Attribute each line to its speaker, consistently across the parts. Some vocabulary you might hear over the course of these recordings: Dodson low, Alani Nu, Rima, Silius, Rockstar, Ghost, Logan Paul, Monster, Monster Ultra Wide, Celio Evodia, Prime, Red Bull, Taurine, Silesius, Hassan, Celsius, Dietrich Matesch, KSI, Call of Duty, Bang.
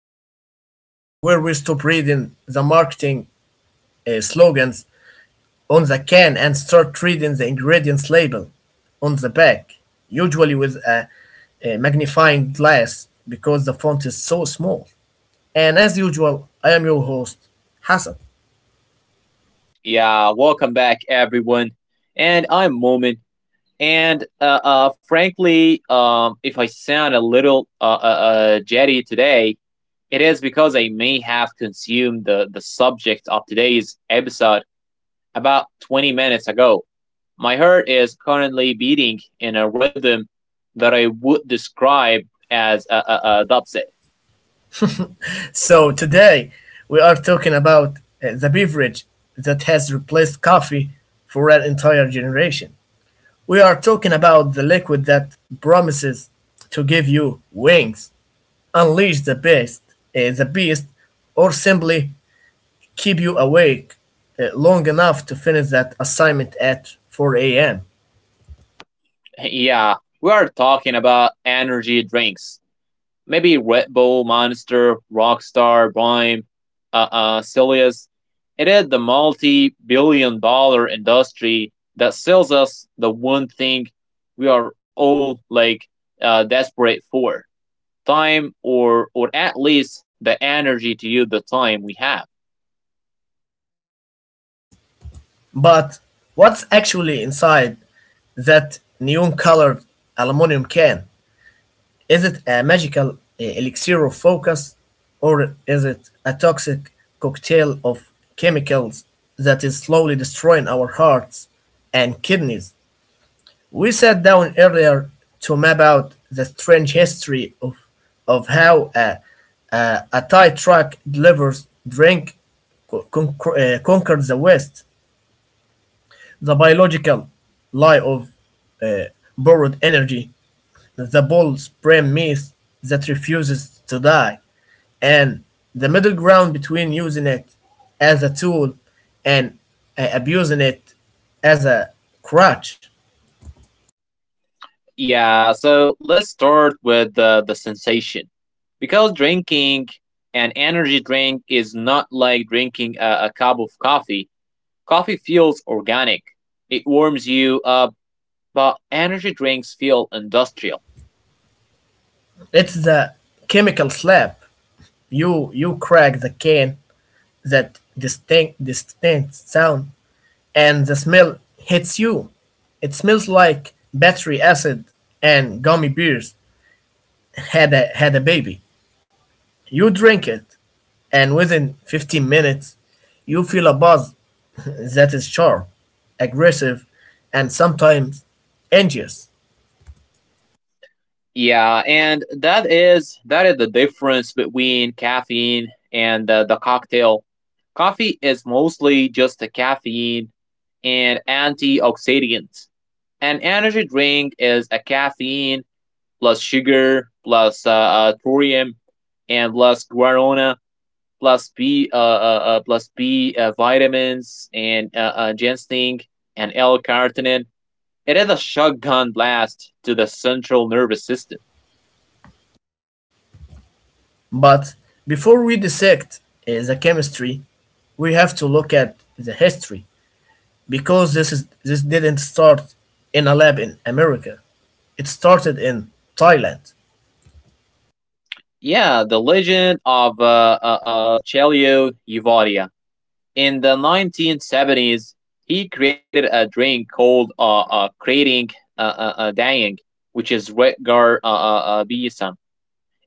Speaker 1: the podcast where we stop reading the marketing slogans on the can and start reading the ingredients label on the back, usually with a magnifying glass because the font is so small. And as usual, I am your host, Hassan.
Speaker 2: Yeah, welcome back, everyone. And I'm Moment. And frankly, if I sound a little jetty today, it is because I may have consumed the subject of today's episode about 20 minutes ago. My heart is currently beating in a rhythm that I would describe as a dubstep.
Speaker 1: So today we are talking about the beverage that has replaced coffee for an entire generation. We are talking about the liquid that promises to give you wings, unleash the beast, eh, the beast, or simply keep you awake long enough to finish that assignment at 4 a.m.
Speaker 2: Yeah, we are talking about energy drinks, maybe Red Bull, Monster, Rockstar, Prime, Silius. It is the multi billion dollar industry that sells us the one thing we are all desperate for time, or at least the energy to use the time we have.
Speaker 1: But what's actually inside that neon colored aluminum can? Is it a magical elixir of focus, or is it a toxic cocktail of chemicals that is slowly destroying our hearts and kidneys? We sat down earlier to map out the strange history of how a tight truck delivers drink conquered the West, the biological lie of uh, borrowed energy, the Bull's premise that refuses to die, and the middle ground between using it as a tool and abusing it as a crutch.
Speaker 2: Yeah, so let's start with the sensation, because drinking an energy drink is not like drinking a cup of coffee. Coffee feels organic. It warms you up, but energy drinks feel industrial.
Speaker 1: It's the chemical slap. You crack the can, that distinct sound, and the smell hits you. It smells like battery acid and gummy bears had a baby. You drink it, and within 15 minutes, you feel a buzz that is sharp, aggressive, and sometimes anxious.
Speaker 2: Yeah, and that is the difference between caffeine and the cocktail. Coffee is mostly just a caffeine and antioxidants. An energy drink is a caffeine plus sugar plus thorium and plus guarana plus B vitamins and ginseng and L-carnitine. It is a shotgun blast to the central nervous system.
Speaker 1: But before we dissect the chemistry, we have to look at the history because this didn't start in a lab in America. It started in Thailand.
Speaker 2: Yeah, the legend of Celio Evodia. In the 1970s, he created a drink called creating dying, which is Redgar Bison.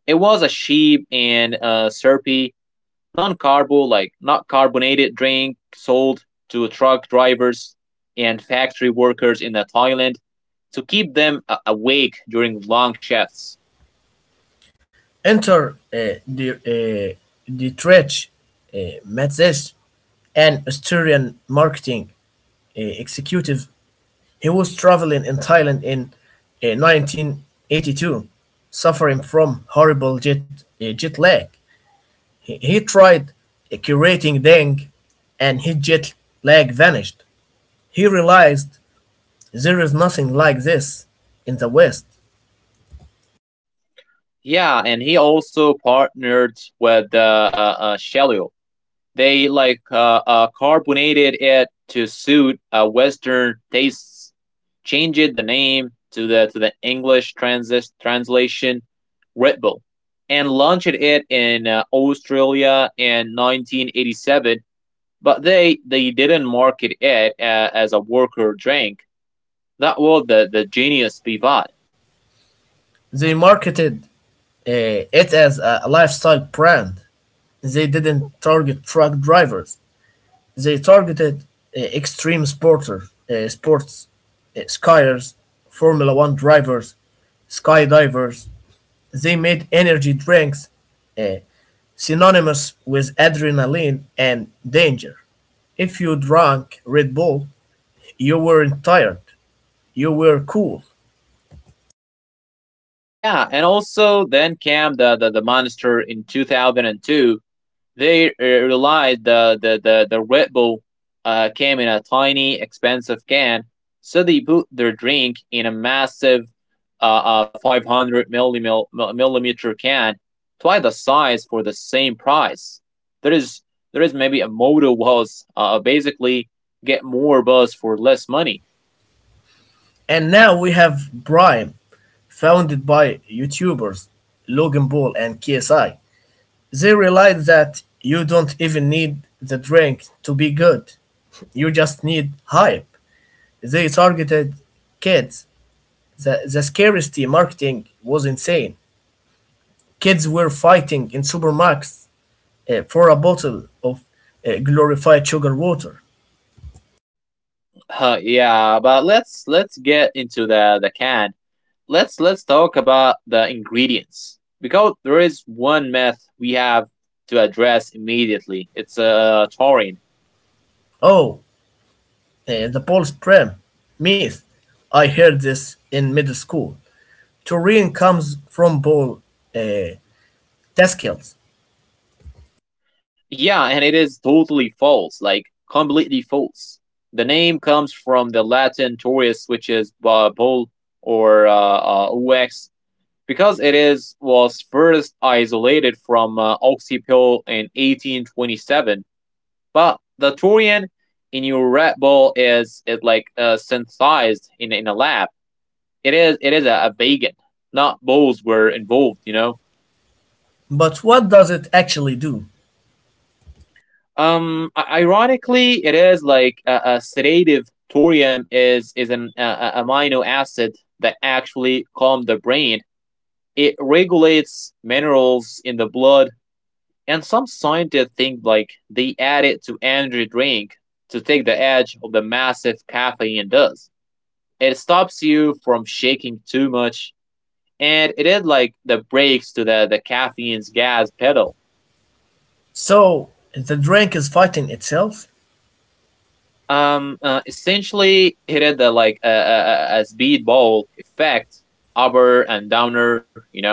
Speaker 2: It was a sheep and syrupy non-carbo like not carbonated drink sold to truck drivers and factory workers in Thailand to keep them awake during long shifts.
Speaker 1: Enter the Dietrich uh, Matesch, an Austrian marketing executive. He was traveling in Thailand in 1982, suffering from horrible jet lag. He tried curating Deng and his jet lag vanished. He realized there is nothing like this in the West.
Speaker 2: Yeah, and he also partnered with they carbonated it to suit Western tastes, changed the name to the English transis translation Red Bull, and launched it in Australia in 1987. But they didn't market it as a worker drink. That was the genius pivot.
Speaker 1: They marketed it as a lifestyle brand. They didn't target truck drivers. They targeted extreme sports, skiers, Formula One drivers, skydivers. They made energy drinks uh, synonymous with adrenaline and danger. If you drank Red Bull, you weren't tired, you were cool.
Speaker 2: Yeah, and also then came the monster in 2002. They realized the Red Bull came in a tiny, expensive can, so they put their drink in a massive uh, 500 millimeter can, twice the size for the same price. There is there is maybe a motto was basically get more buzz for less money.
Speaker 1: And now we have Prime, founded by YouTubers Logan Paul and KSI. They realize that you don't even need the drink to be good. You just need hype. They targeted kids. The scarcity marketing was insane. Kids were fighting in supermarkets for a bottle of glorified sugar water.
Speaker 2: Yeah, but let's get into the can. Let's talk about the ingredients, because there is one myth we have to address immediately. It's taurine.
Speaker 1: Oh, the Paul's Prem myth. I heard this in middle school. Taurine comes from Paul uh, Daskal's.
Speaker 2: Yeah, and it is totally false, like completely false. The name comes from the Latin taurus, which is bull or ox, because it is was first isolated from oxypill in 1827. But the taurine in your Red Bull is it like synthesized in a lab. It is a vegan. Not bulls were involved, you know.
Speaker 1: But what does it actually do?
Speaker 2: Um, ironically, it is like a, sedative. Thorium is an amino acid that actually calms the brain. It regulates minerals in the blood, and some scientists think like they add it to energy drink to take the edge of the massive caffeine does. It stops you from shaking too much, and it is like the brakes to the caffeine's gas pedal.
Speaker 1: So the drink is fighting itself.
Speaker 2: Essentially, it had the like a speedball effect, upper and downer. You know.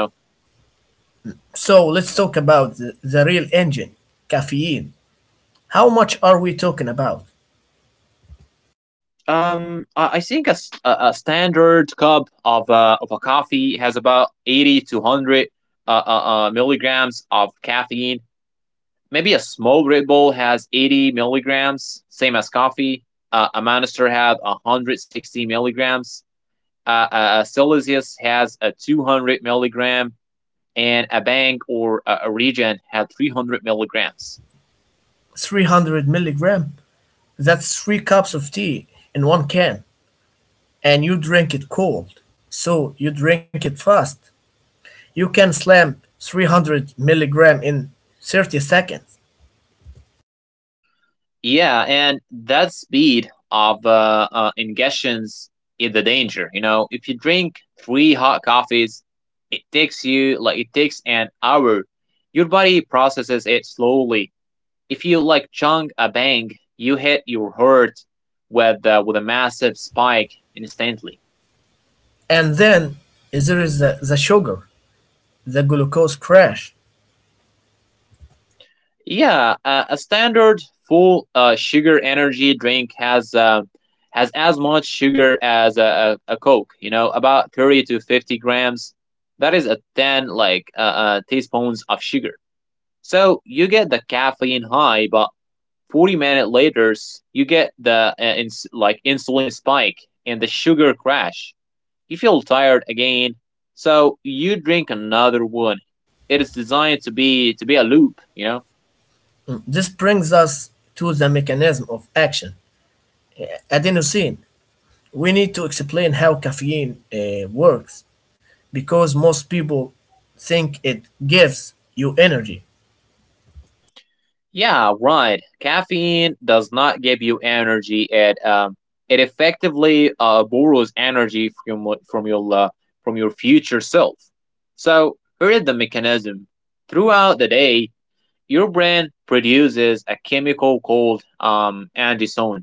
Speaker 1: So let's talk about the real engine, caffeine. How much are we talking about?
Speaker 2: I think a standard cup of a coffee has about 80 to hundred uh, uh, milligrams of caffeine. Maybe a small Red Bull has 80 milligrams, same as coffee. A Monster had 160 milligrams. Celsius has a 200 milligram, and a bank or region had 300 milligrams.
Speaker 1: 300 milligram? That's three cups of tea in one can. And you drink it cold. So you drink it fast. You can slam 300 milligram in 30 seconds.
Speaker 2: Yeah, and that speed of ingestions is the danger. You know, if you drink three hot coffees, it takes an hour. Your body processes it slowly. If you like chunk a bang, you hit your heart with a massive spike instantly.
Speaker 1: And then there is the sugar, the glucose crash.
Speaker 2: Yeah, a standard full sugar energy drink has as much sugar as a Coke. You know, about 30 to 50 grams. That is a ten like teaspoons of sugar. So you get the caffeine high, but 40 minutes later you get the insulin spike and the sugar crash. You feel tired again, so you drink another one. It is designed to be a loop. You know.
Speaker 1: This brings us to the mechanism of action, adenosine. We need to explain how caffeine works because most people think it gives you energy.
Speaker 2: Yeah, right. Caffeine does not give you energy. It effectively borrows energy from from your future self. So here is the mechanism. Throughout the day, your brain produces a chemical called andesone,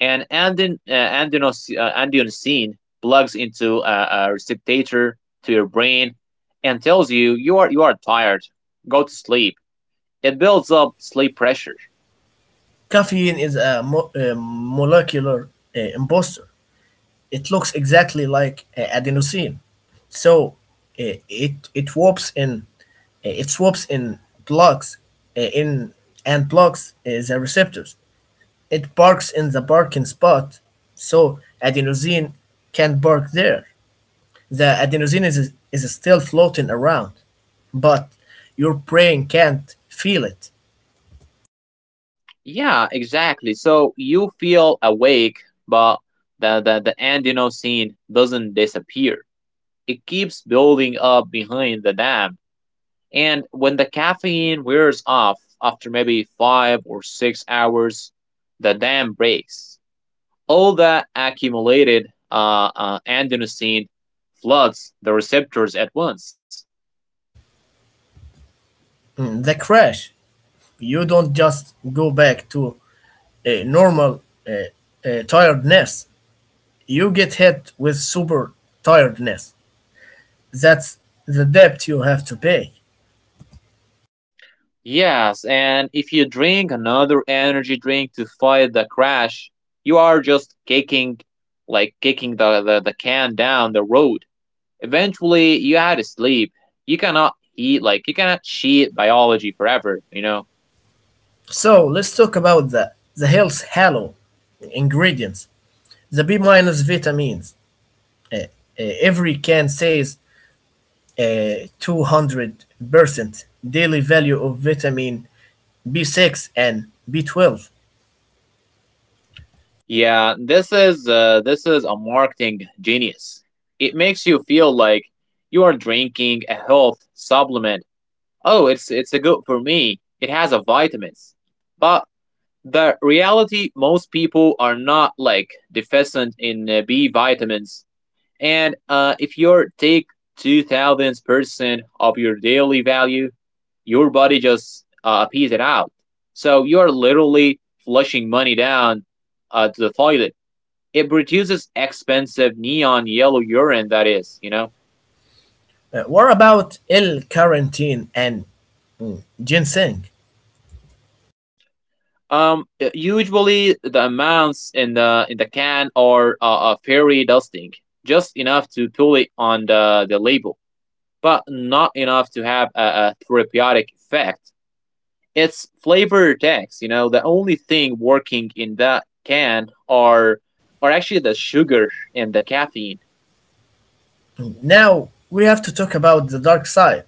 Speaker 2: and andionicine plugs into a receptor to your brain and tells you you are tired. Go to sleep. It builds up sleep pressure.
Speaker 1: Caffeine is a molecular imposter. It looks exactly like adenosine, so uh, it it warps in it swaps in blocks in and blocks the receptors. It barks in the barking spot, so adenosine can bark there. The adenosine is still floating around, but your brain can't feel it.
Speaker 2: Yeah, exactly. So you feel awake, but the Andino scene doesn't disappear. It keeps building up behind the dam. And when the caffeine wears off after maybe 5 or 6 hours, the dam breaks. All that accumulated adenosine floods the receptors at once.
Speaker 1: Mm, the crash, you don't just go back to a normal uh, tiredness, you get hit with super tiredness. That's the debt you have to pay.
Speaker 2: Yes, and if you drink another energy drink to fight the crash, you are just kicking the can down the road. Eventually, you had to sleep. You cannot eat, like you cannot cheat biology forever. You know.
Speaker 1: So let's talk about the health halo ingredients, the B minus vitamins. Uh, every can says 200% daily value of vitamin B6 and B12.
Speaker 2: Yeah, this is this is a marketing genius. It makes you feel like you are drinking a health supplement. Oh, it's a good for me. It has a vitamins, but the reality most people are not like deficient in b vitamins, and if you take 2000% of your daily value, your body just pees it out, so you're literally flushing money down to the toilet. It produces expensive neon yellow urine, that is, you know.
Speaker 1: What about L carnitine and mm, ginseng?
Speaker 2: Usually the amounts in the can are very dusting, just enough to pull it on the label, but not enough to have a therapeutic effect. It's flavor text, you know. The only thing working in that can are actually the sugar and the caffeine.
Speaker 1: Mm, now we have to talk about the dark side,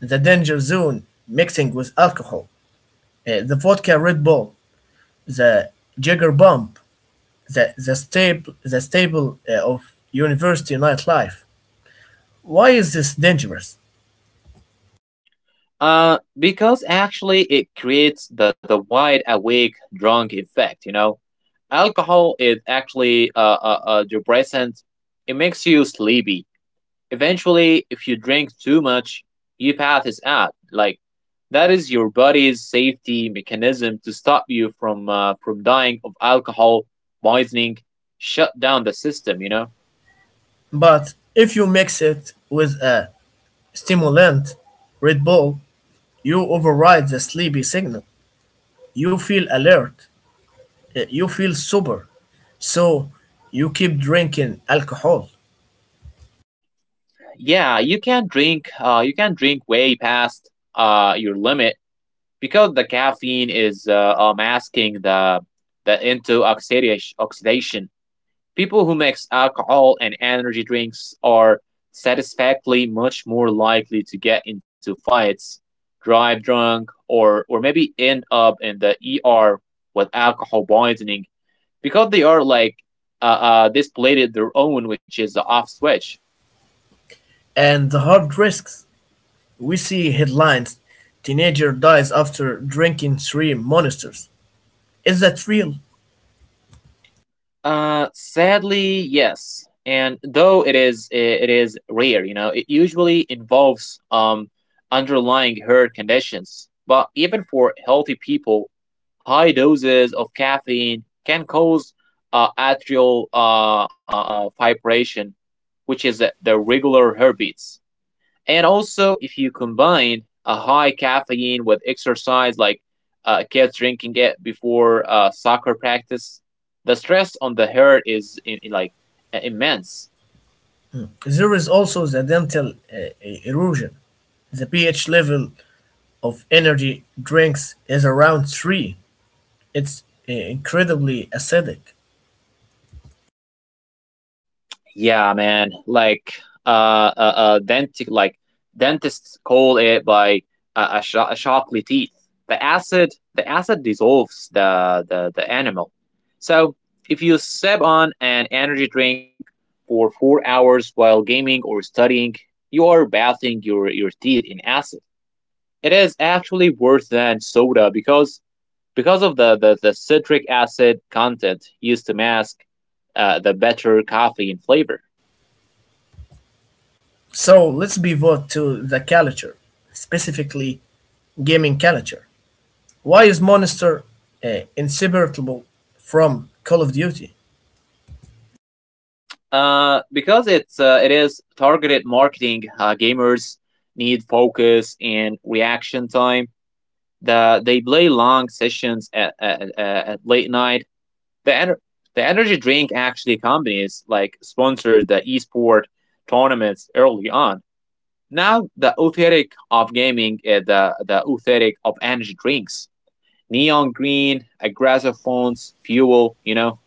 Speaker 1: the danger zone, mixing with alcohol, the vodka Red Bull, the Jagger Bump, the staple of university nightlife. Why is this dangerous?
Speaker 2: Because actually it creates the wide awake drunk effect, you know. Alcohol is actually a depressant. It makes you sleepy. Eventually, if you drink too much, you pass out. That is your body's safety mechanism to stop you from dying of alcohol poisoning. Shut down the system. You know.
Speaker 1: But if you mix it with a stimulant, Red Bull, you override the sleepy signal. You feel alert. You feel sober. So you keep drinking alcohol.
Speaker 2: Yeah, you can't drink. You can't drink way past your limit, because the caffeine is masking the into oxidation. People who mix alcohol and energy drinks are satisfactorily much more likely to get into fights, drive drunk, or maybe end up in the ER with alcohol poisoning, because they are displayed their own, which is the off switch.
Speaker 1: And the heart risks. We see headlines, teenager dies after drinking three monsters. Is that real?
Speaker 2: Sadly, yes. And though it is rare, you know, it usually involves underlying herd conditions. But even for healthy people, high doses of caffeine can cause atrial fibrillation, which is the regular heartbeats. And also, if you combine a high caffeine with exercise, like kids drinking it before soccer practice, the stress on the heart is immense.
Speaker 1: There is also the dental erosion. The pH level of energy drinks is around 3. It's incredibly acidic.
Speaker 2: Yeah, man. Uh, uh, uh denti- like dentists call it by a sharply teeth. The acid, the acid dissolves the animal. So if you sip on an energy drink for 4 hours while gaming or studying, you are bathing your teeth in acid. It is actually worse than soda because of the citric acid content used to mask the better coffee in flavor.
Speaker 1: So let's pivot to the culture, specifically gaming culture. Why is Monster inseparable from Call of Duty?
Speaker 2: Because it's it is targeted marketing. Gamers need focus and reaction time. They play long sessions at, at late night. The ener- the energy drink actually companies like sponsored the esport tournaments early on. Now the aesthetic of gaming is the aesthetic of energy drinks. Neon green, aggressive fonts, fuel. You know.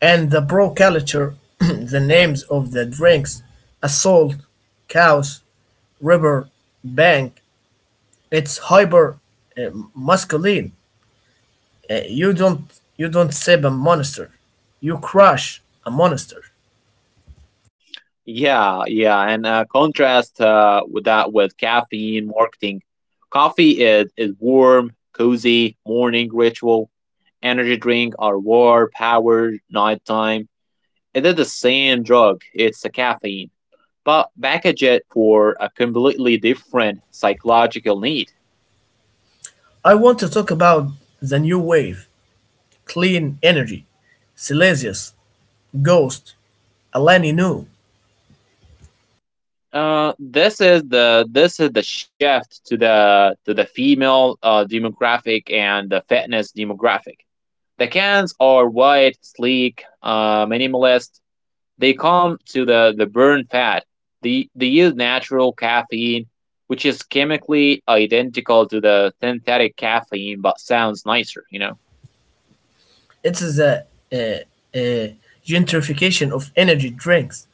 Speaker 1: And the bro culture, the names of the drinks, Assault, Chaos, River, Bank, it's hyper uh, masculine. You don't save a monster, you crush a monster.
Speaker 2: Yeah, yeah, and contrast with that with caffeine marketing. Coffee is warm, cozy, morning ritual. Energy drink are war, power, nighttime. It is the same drug. It's a caffeine, but package it for a completely different psychological need.
Speaker 1: I want to talk about the new wave, clean energy, Silesius, Ghost, Alani Nu.
Speaker 2: This is the shift to the female demographic and the fitness demographic. The cans are white, sleek, minimalist. They come to the burn fat. They use natural caffeine, which is chemically identical to the synthetic caffeine but sounds nicer, you know?
Speaker 1: It is a, a gentrification of energy drinks.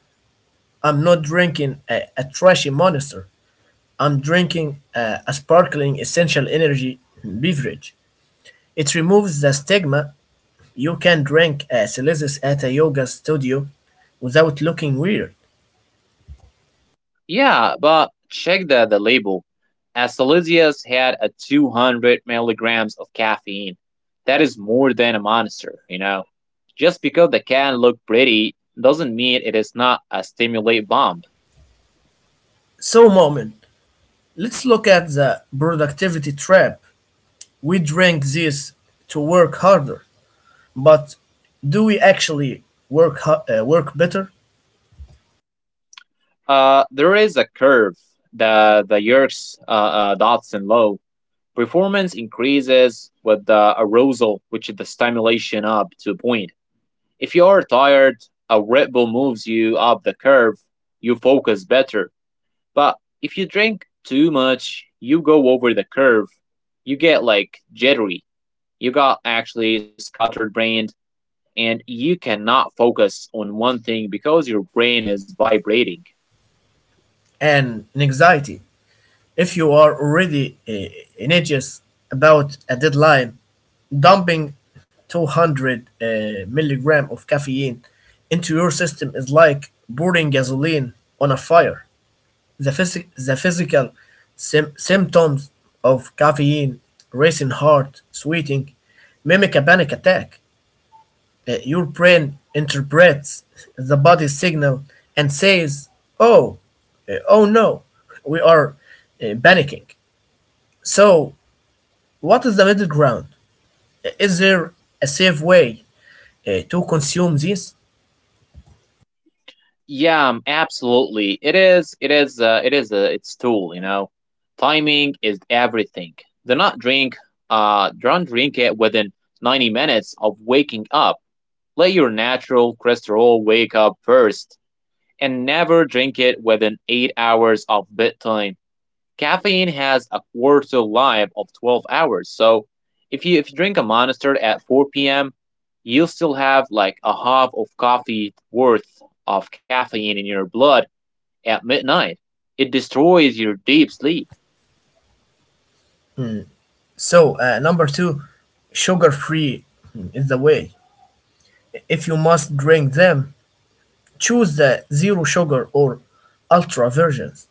Speaker 1: I'm not drinking a trashy monster. I'm drinking a sparkling essential energy beverage. It removes the stigma. You can drink a Celsius at a yoga studio without looking weird.
Speaker 2: Yeah, but check the label. Asalisius had a 200 milligrams of caffeine. That is more than a monster, you know? Just because the can looked pretty doesn't mean it is not a stimulate bomb.
Speaker 1: So, moment, let's look at the productivity trap. We drink this to work harder. But do we actually work better?
Speaker 2: There is a curve that the years Dodson low. Performance increases with the arousal, which is the stimulation up to a point. If you are tired, a Red Bull moves you up the curve. You focus better. But if you drink too much, you go over the curve. You get like jittery. You got actually scattered brain, and you cannot focus on one thing because your brain is vibrating.
Speaker 1: And in anxiety, if you are already anxious about a deadline, dumping 200 milligram of caffeine into your system is like pouring gasoline on a fire. The physical symptoms of caffeine, racing heart, sweating, mimic a panic attack. Your brain interprets the body signal and says, "Oh, oh no, we are panicking." So, what is the middle ground? Is there a safe way to consume this?
Speaker 2: Yeah, absolutely. It is. It is. It's tool. You know, timing is everything. Do not drink. Don't drink it within 90 minutes of waking up. Let your natural cholesterol wake up first, and never drink it within 8 hours of bedtime. Caffeine has a quarter life of 12 hours. So if you drink a monster at 4 p.m., you'll still have like a half of coffee worth of caffeine in your blood at midnight. It destroys your deep sleep.
Speaker 1: So, number two, sugar-free is the way. If you must drink them, choose the zero sugar or ultra versions.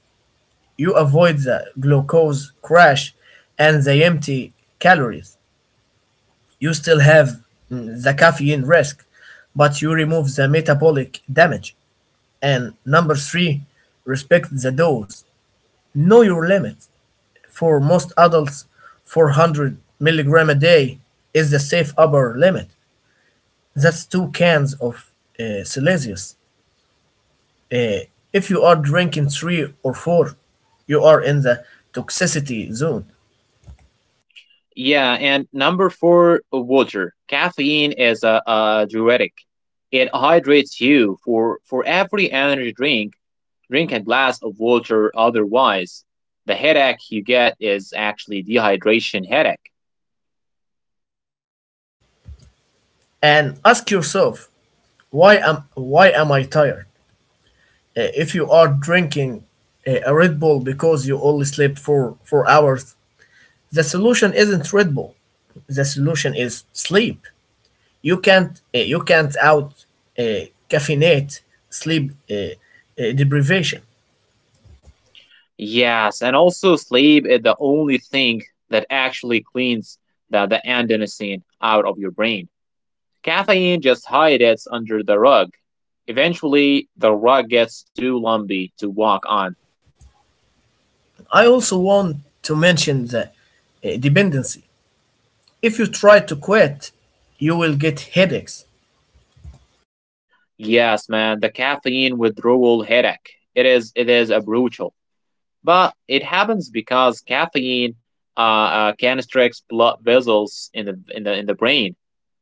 Speaker 1: You avoid the glucose crash and the empty calories. You still have the caffeine risk, but you remove the metabolic damage. And number three, respect the dose. Know your limit. For most adults, 400 milligram a day is the safe upper limit. That's two cans of Celsius. Uh, if you are drinking three or four, you are in the toxicity zone.
Speaker 2: Yeah, and number four, water. Caffeine is a diuretic. It hydrates you. For every energy drink, drink a glass of water. Otherwise, the headache you get is actually dehydration headache.
Speaker 1: And ask yourself, why am I tired? If you are drinking a Red Bull because you only slept for 4 hours, the solution isn't Red Bull. The solution is sleep. You can't out caffeinate sleep deprivation.
Speaker 2: Yes, and also sleep is the only thing that actually cleans the adenosine out of your brain. Caffeine just hides it under the rug. Eventually, the rug gets too lumpy to walk on.
Speaker 1: I also want to mention the dependency. If you try to quit, you will get headaches.
Speaker 2: Yes, man, the caffeine withdrawal headache. It is a brutal, but it happens because caffeine constricts blood vessels in the in the brain.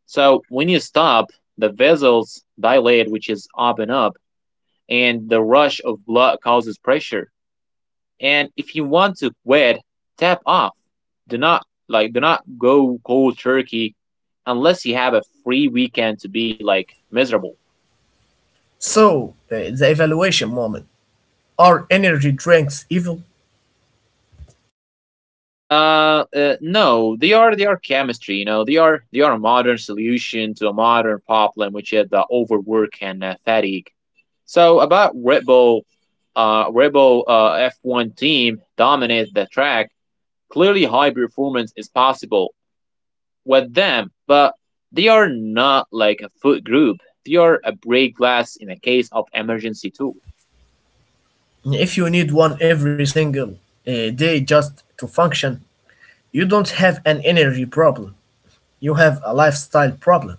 Speaker 2: So when you stop, the vessels dilate, which is open up, and the rush of blood causes pressure. And if you want to quit, tap off. Do not go cold turkey unless you have a free weekend to be like miserable.
Speaker 1: So, the evaluation moment: are energy drinks evil?
Speaker 2: No, they are chemistry, you know. They are a modern solution to a modern problem, which is the overwork and fatigue. So about Red Bull, Red Bull F1 team dominates the track, clearly high performance is possible with them, but they are not like a food group. They are a break glass in a case of emergency too.
Speaker 1: If you need one every single day just to function, you don't have an energy problem. You have a lifestyle problem.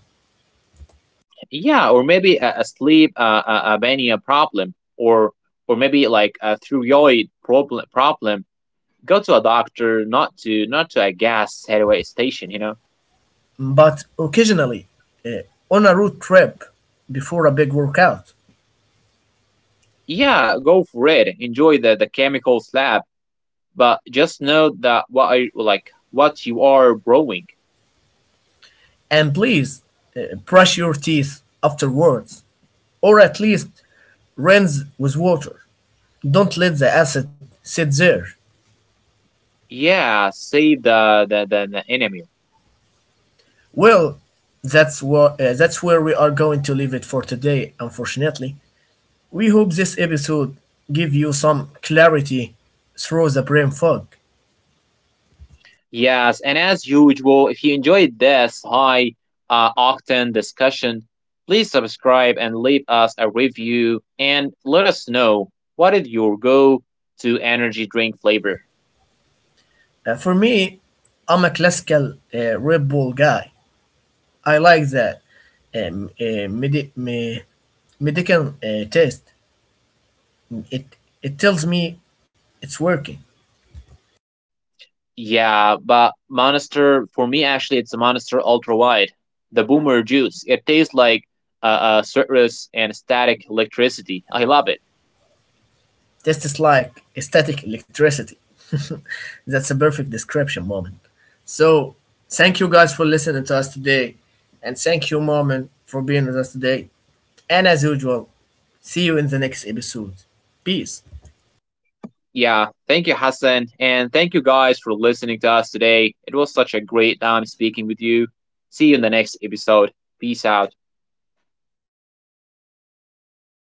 Speaker 2: Yeah, or maybe a sleep a mania problem, or maybe like a thyroid problem. Problem. Go to a doctor, not to a gas railway station. You know.
Speaker 1: But occasionally, uh, on a road trip before a big workout,
Speaker 2: Yeah, go for it. Enjoy the chemical slab, but just know that what I like what you are growing.
Speaker 1: and please brush your teeth afterwards, or at least rinse with water. Don't let the acid sit there.
Speaker 2: Yeah, save the enemy.
Speaker 1: Well, that's where we are going to leave it for today, unfortunately. We hope this episode give you some clarity through the brain fog.
Speaker 2: Yes, and as usual, if you enjoyed this high octane discussion, please subscribe and leave us a review and let us know what is your go to energy drink flavor.
Speaker 1: For me, I'm a classical Red Bull guy. I like the um, uh, medi- me- medical test. It it tells me it's working.
Speaker 2: Yeah, but Monster, for me, actually, it's a Monster Ultra Wide, the Boomer Juice. It tastes like citrus and static electricity. I love it.
Speaker 1: Test is like static electricity. That's a perfect description, moment. So thank you guys for listening to us today, and thank you, moment, for being with us today. And as usual, see you in the next episode. Peace.
Speaker 2: Yeah, thank you, Hassan. And thank you guys for listening to us today. It was such a great time speaking with you. See you in the next episode. Peace out.